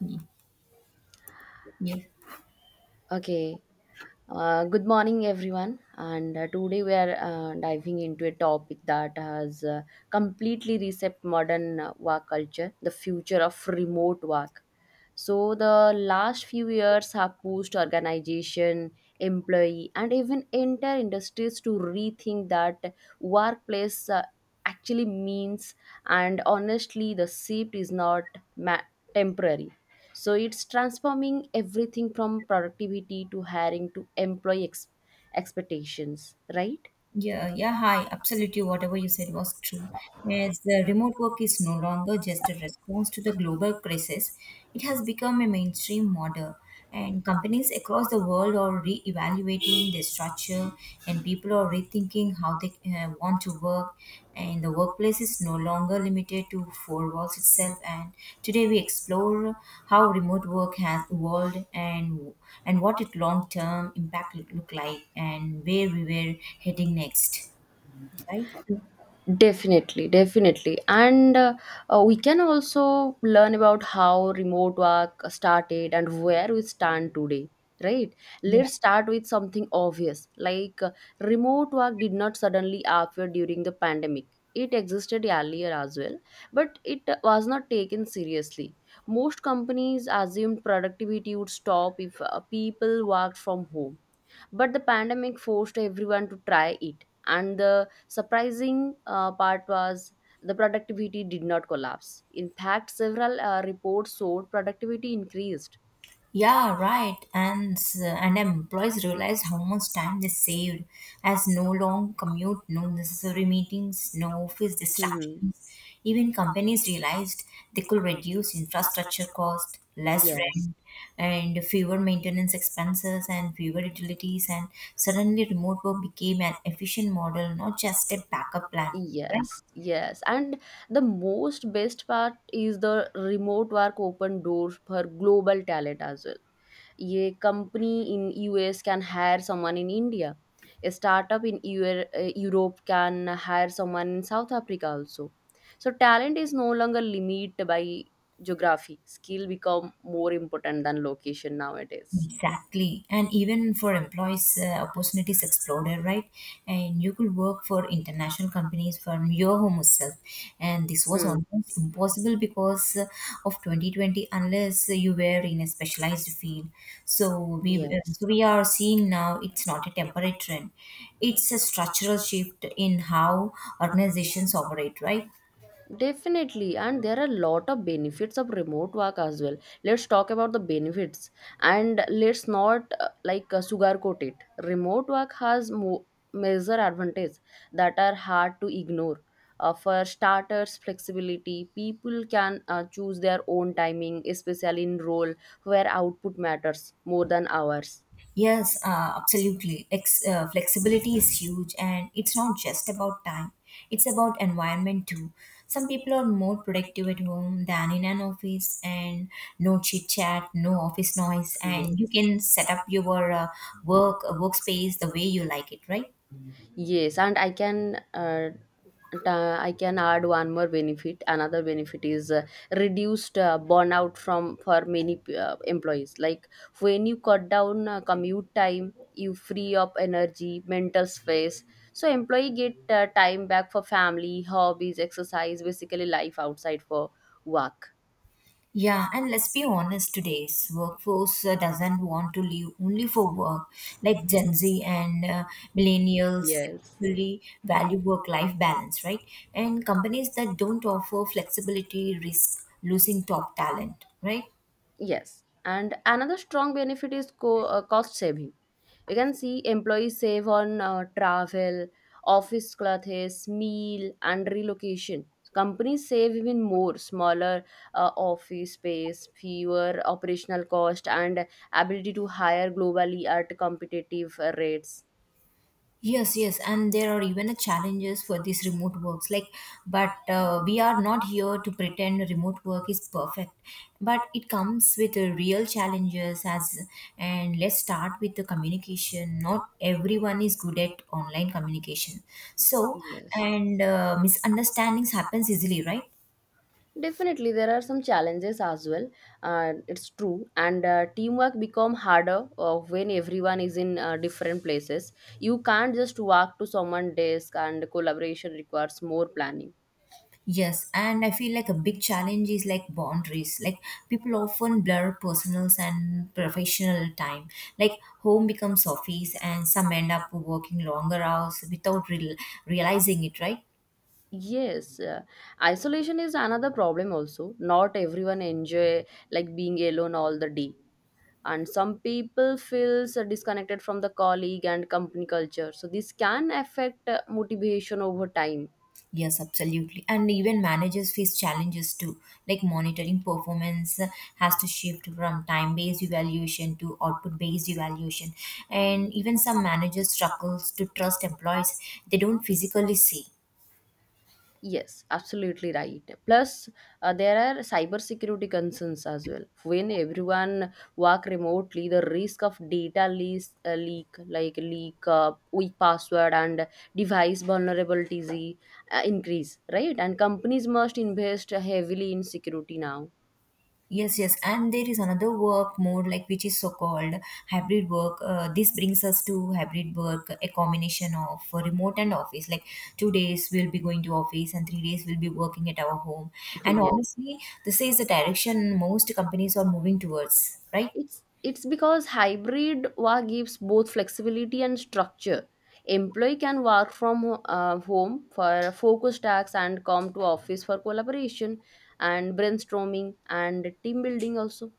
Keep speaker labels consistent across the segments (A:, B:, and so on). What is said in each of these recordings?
A: Yeah. Yeah,
B: Okay. Good morning, everyone. And Today we are diving into a topic that has completely reset modern work culture, the future of remote work. So the last few years have pushed organization, employee, and even entire industries to rethink that workplace actually means. And honestly, the shift is not ma- temporary. So it's transforming everything from productivity to hiring to employee expectations, right?
A: yeah, Hi. Absolutely, whatever you said was true. As the remote work is no longer just a response to the global crisis, it has become a mainstream model. And companies across the world are re evaluating their structure, and people are rethinking how they want to work, and the workplace is no longer limited to four walls itself. And today we explore how remote work has evolved, and what its long term impact look like, and where we were heading next, right?
B: Definitely, definitely. And we can also learn about how remote work started and where we stand today, right?
A: Yeah.
B: Let's start with something obvious like remote work did not suddenly appear during the pandemic. It existed earlier as well, but it was not taken seriously. Most companies assumed productivity would stop if people worked from home, but the pandemic forced everyone to try it, and the surprising part was the productivity did not collapse. In fact, several reports showed productivity increased.
A: Yeah, right. And employees realized how much time they saved, as no long commute, no necessary meetings, no office
B: Hmm.
A: distractions. Even companies realized they could reduce infrastructure cost, less
B: Yes,
A: rent, and fewer maintenance expenses and fewer utilities. And suddenly, remote work became an efficient model, not just a backup plan.
B: yes. And the most best part is the remote work open doors for global talent as well. A company in US can hire someone in India. A startup in Eu- europe can hire someone in South Africa also. So talent is no longer limited by geography. Skill become more important than location nowadays.
A: Exactly. And even for employees, opportunities exploded, right? And you could work for international companies from your home itself. And this was
B: Hmm.
A: almost impossible because of 2020 unless you were in a specialized field. So we, uh,
B: Yes.
A: so we are seeing now it's not a temporary trend. It's a structural shift in how organizations operate, right?
B: Definitely, and there are a lot of benefits of remote work as well. Let's talk about the benefits, and let's not sugarcoat it. Remote work has major advantages that are hard to ignore. For starters, flexibility. People can choose their own timing, especially in role where output matters more than hours.
A: Yes, absolutely. Flexibility is huge, and it's not just about time, it's about environment too. Some people are more productive at home than in an office, and no chit chat, no office noise, and you
B: Yes.
A: can set up your work workspace the way you like it, right?
B: Yes, and I can I can add one more benefit. Another benefit is reduced burnout from for many employees. Like when you cut down commute time, you free up energy, mental space. So employee get time back for family, hobbies, exercise, basically life outside for work.
A: Yeah, and let's be honest, today's workforce doesn't want to live only for work. Like Gen Z and millennials
B: Yes.
A: really value work-life balance, right? And companies that don't offer flexibility risk losing top talent, right?
B: Yes. And another strong benefit is cost saving. You can see employees save on travel, office clothes, meal, and relocation. Companies save even more: smaller office space, fewer operational cost, and ability to hire globally at competitive rates.
A: Yes, yes, and there are even a challenges for these remote works. Like, but we are not here to pretend remote work is perfect. But it comes with real challenges. As and let's start with the communication. Not everyone is good at online communication, so
B: Yes.
A: and misunderstandings happens easily, right?
B: Definitely, there are some challenges as well. It's true, and teamwork become harder when everyone is in different places. You can't just walk to someone's desk, and collaboration requires more planning.
A: Yes, and I feel like a big challenge is like boundaries. Like people often blur personal and professional time. Like home becomes office, and some end up working longer hours without realizing it, right?
B: Yes, isolation is another problem also. Not everyone enjoy like being alone all the day. And some people feels disconnected from the colleague and company culture. So this can affect motivation over time.
A: Yes, absolutely. And even managers face challenges too. Like monitoring performance has to shift from time based evaluation to output based evaluation. And even some managers struggles to trust employees they don't physically see.
B: Yes, absolutely right. Plus, there are cybersecurity concerns as well. When everyone work remotely, the risk of leak, weak password, and device vulnerabilities increase, right? And companies must invest heavily in security now.
A: Yes, yes, and there is another work mode like which is so called hybrid work. This brings us to hybrid work, a combination of remote and office. Like two days we'll be going to office and three days we'll be working at our home. And
B: Yes.
A: honestly, this is the direction most companies are moving towards, right?
B: It's because hybrid work gives both flexibility and structure. Employee can work from home for focused tasks and come to office for collaboration and brainstorming and team building also.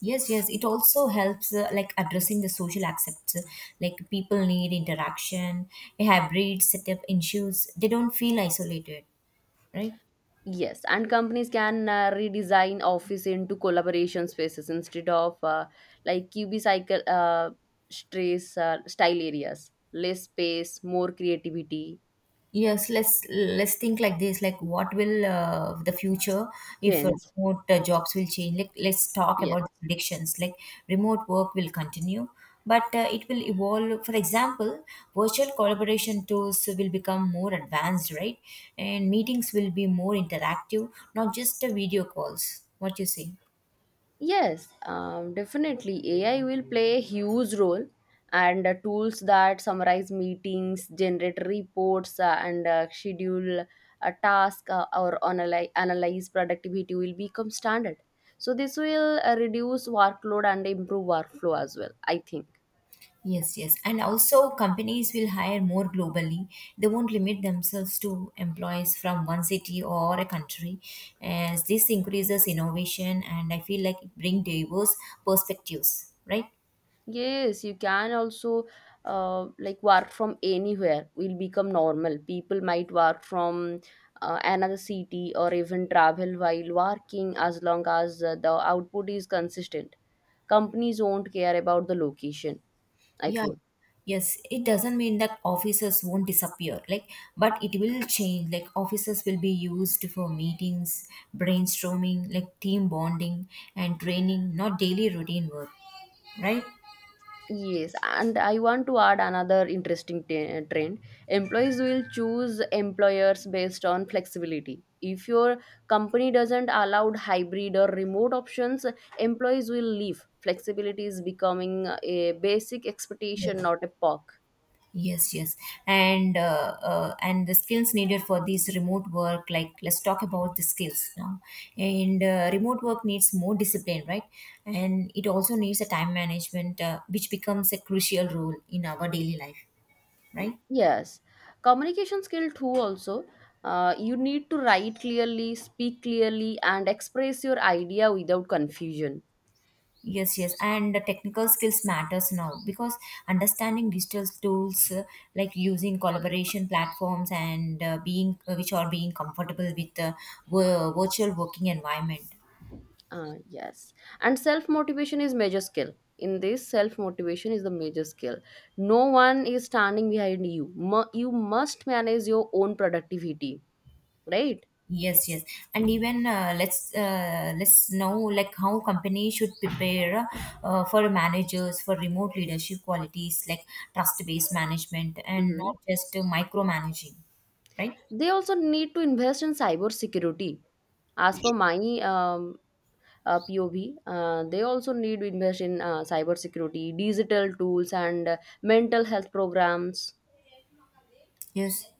A: Yes, yes, it also helps like addressing the social aspects. Like people need interaction, a hybrid setup ensures they don't feel isolated, right?
B: Yes, and companies can redesign office into collaboration spaces instead of like QB cycle stress style areas. Less space, more creativity,
A: Yes, let's think like this. Like, what will the future if
B: change.
A: remote jobs will change? Like, let's talk
B: Yes.
A: about the predictions. Like, remote work will continue, but it will evolve. For example, virtual collaboration tools will become more advanced, right? And meetings will be more interactive, not just video calls. What you say?
B: Yes, definitely. AI will play a huge role, and tools that summarize meetings, generate reports, and schedule a task or analyze productivity will become standard. So, this will reduce workload and improve workflow as well, I think.
A: Yes, yes. And also, companies will hire more globally. They won't limit themselves to employees from one city or a country, as this increases innovation and I feel like it brings diverse perspectives, right?
B: Yes, you can also work from anywhere will become normal. People might work from another city or even travel while working as long as the output is consistent. Companies won't care about the location, I
A: Yeah.
B: think.
A: Yes, it doesn't mean that offices won't disappear, like, but it will change. Like, offices will be used for meetings, brainstorming, like team bonding, and training, not daily routine work, right?
B: Yes, and I want to add another interesting trend. Employees will choose employers based on flexibility. If your company doesn't allow hybrid or remote options, employees will leave. Flexibility is becoming a basic expectation, not a perk.
A: Yes, yes, and the skills needed for these remote work, like let's talk about the skills now. And remote work needs more discipline, right? And it also needs a time management, which becomes a crucial role in our daily life, right?
B: Yes, communication skill too. Also, you need to write clearly, speak clearly, and express your idea without confusion.
A: Yes, yes, and the technical skills matters now because understanding digital tools like using collaboration platforms and being which are being comfortable with the virtual working environment.
B: Yes. And self motivation is major skill. In this, self motivation is the major skill. No one is standing behind you. Mu- you must manage your own productivity, right?
A: Yes, yes, and even let's know like how companies should prepare for managers for remote leadership qualities like trust-based management and
B: Hmm.
A: not just micromanaging, right?
B: They also need to invest in cyber security. As per my um, POV, they also need to invest in cyber security, digital tools, and mental health programs.
A: Yes,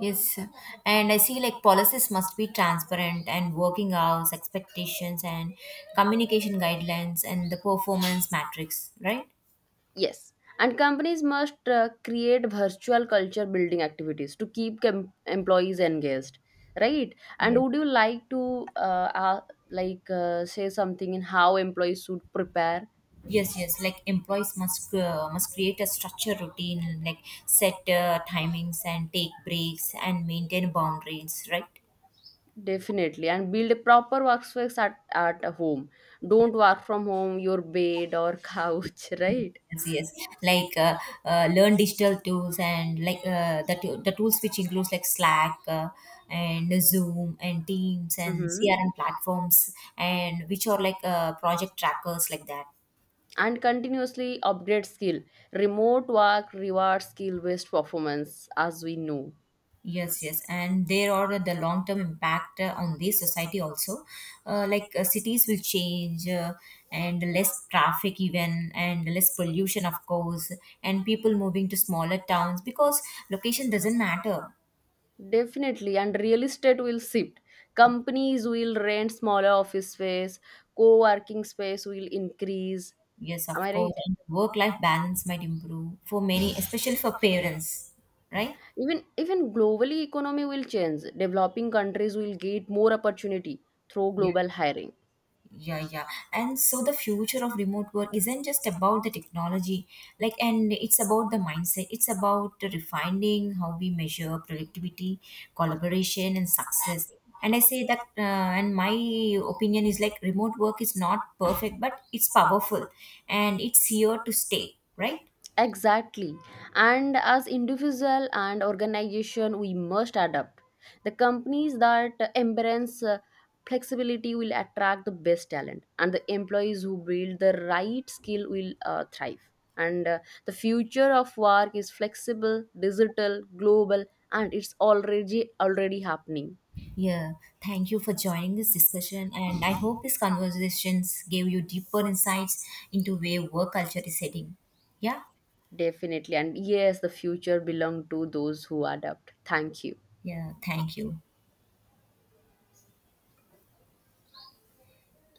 A: yes, and I see like policies must be transparent and working hours, expectations, and communication guidelines and the performance matrix, right?
B: Yes, and companies must create virtual culture building activities to keep employees engaged, right? And
A: Yes.
B: would you like to say something in how employees should prepare?
A: Yes, yes. Like employees must create a structure routine, like set timings and take breaks and maintain boundaries, right?
B: Definitely, and build a proper workspace at home. Don't work from home, your bed or couch, right?
A: Yes, yes. Like learn digital tools and like the tools which includes like Slack and Zoom and Teams and
B: Mm-hmm.
A: CRM platforms and which are like project trackers like that.
B: And continuously upgrade skill. Remote work rewards skill based performance, as we know.
A: Yes, yes, and there are the long term impact on the society also. Like cities will change, and less traffic, even, and less pollution, of course, and people moving to smaller towns because location doesn't matter.
B: Definitely, and real estate will shift. Companies will rent smaller office space, co-working space will increase.
A: Yes, of
B: Am I
A: course,
B: right?
A: and work life balance might improve for many, especially for parents, right?
B: Even globally economy will change. Developing countries will get more opportunity through global hiring.
A: Yeah, yeah. And so the future of remote work isn't just about the technology, like, and it's about the mindset. It's about refining how we measure productivity, collaboration, and success. And I say that, and my opinion is like remote work is not perfect, but it's powerful and it's here to stay, right?
B: Exactly. And as individual and organization, we must adapt. The companies that embrace flexibility will attract the best talent, and the employees who build the right skill will thrive. And the future of work is flexible, digital, global, and it's already happening.
A: Yeah. Thank you for joining this discussion. And I hope these conversations gave you deeper insights into where work culture is heading. Yeah.
B: Definitely. And yes, the future belong to those who adapt. Thank you.
A: Yeah. Thank you.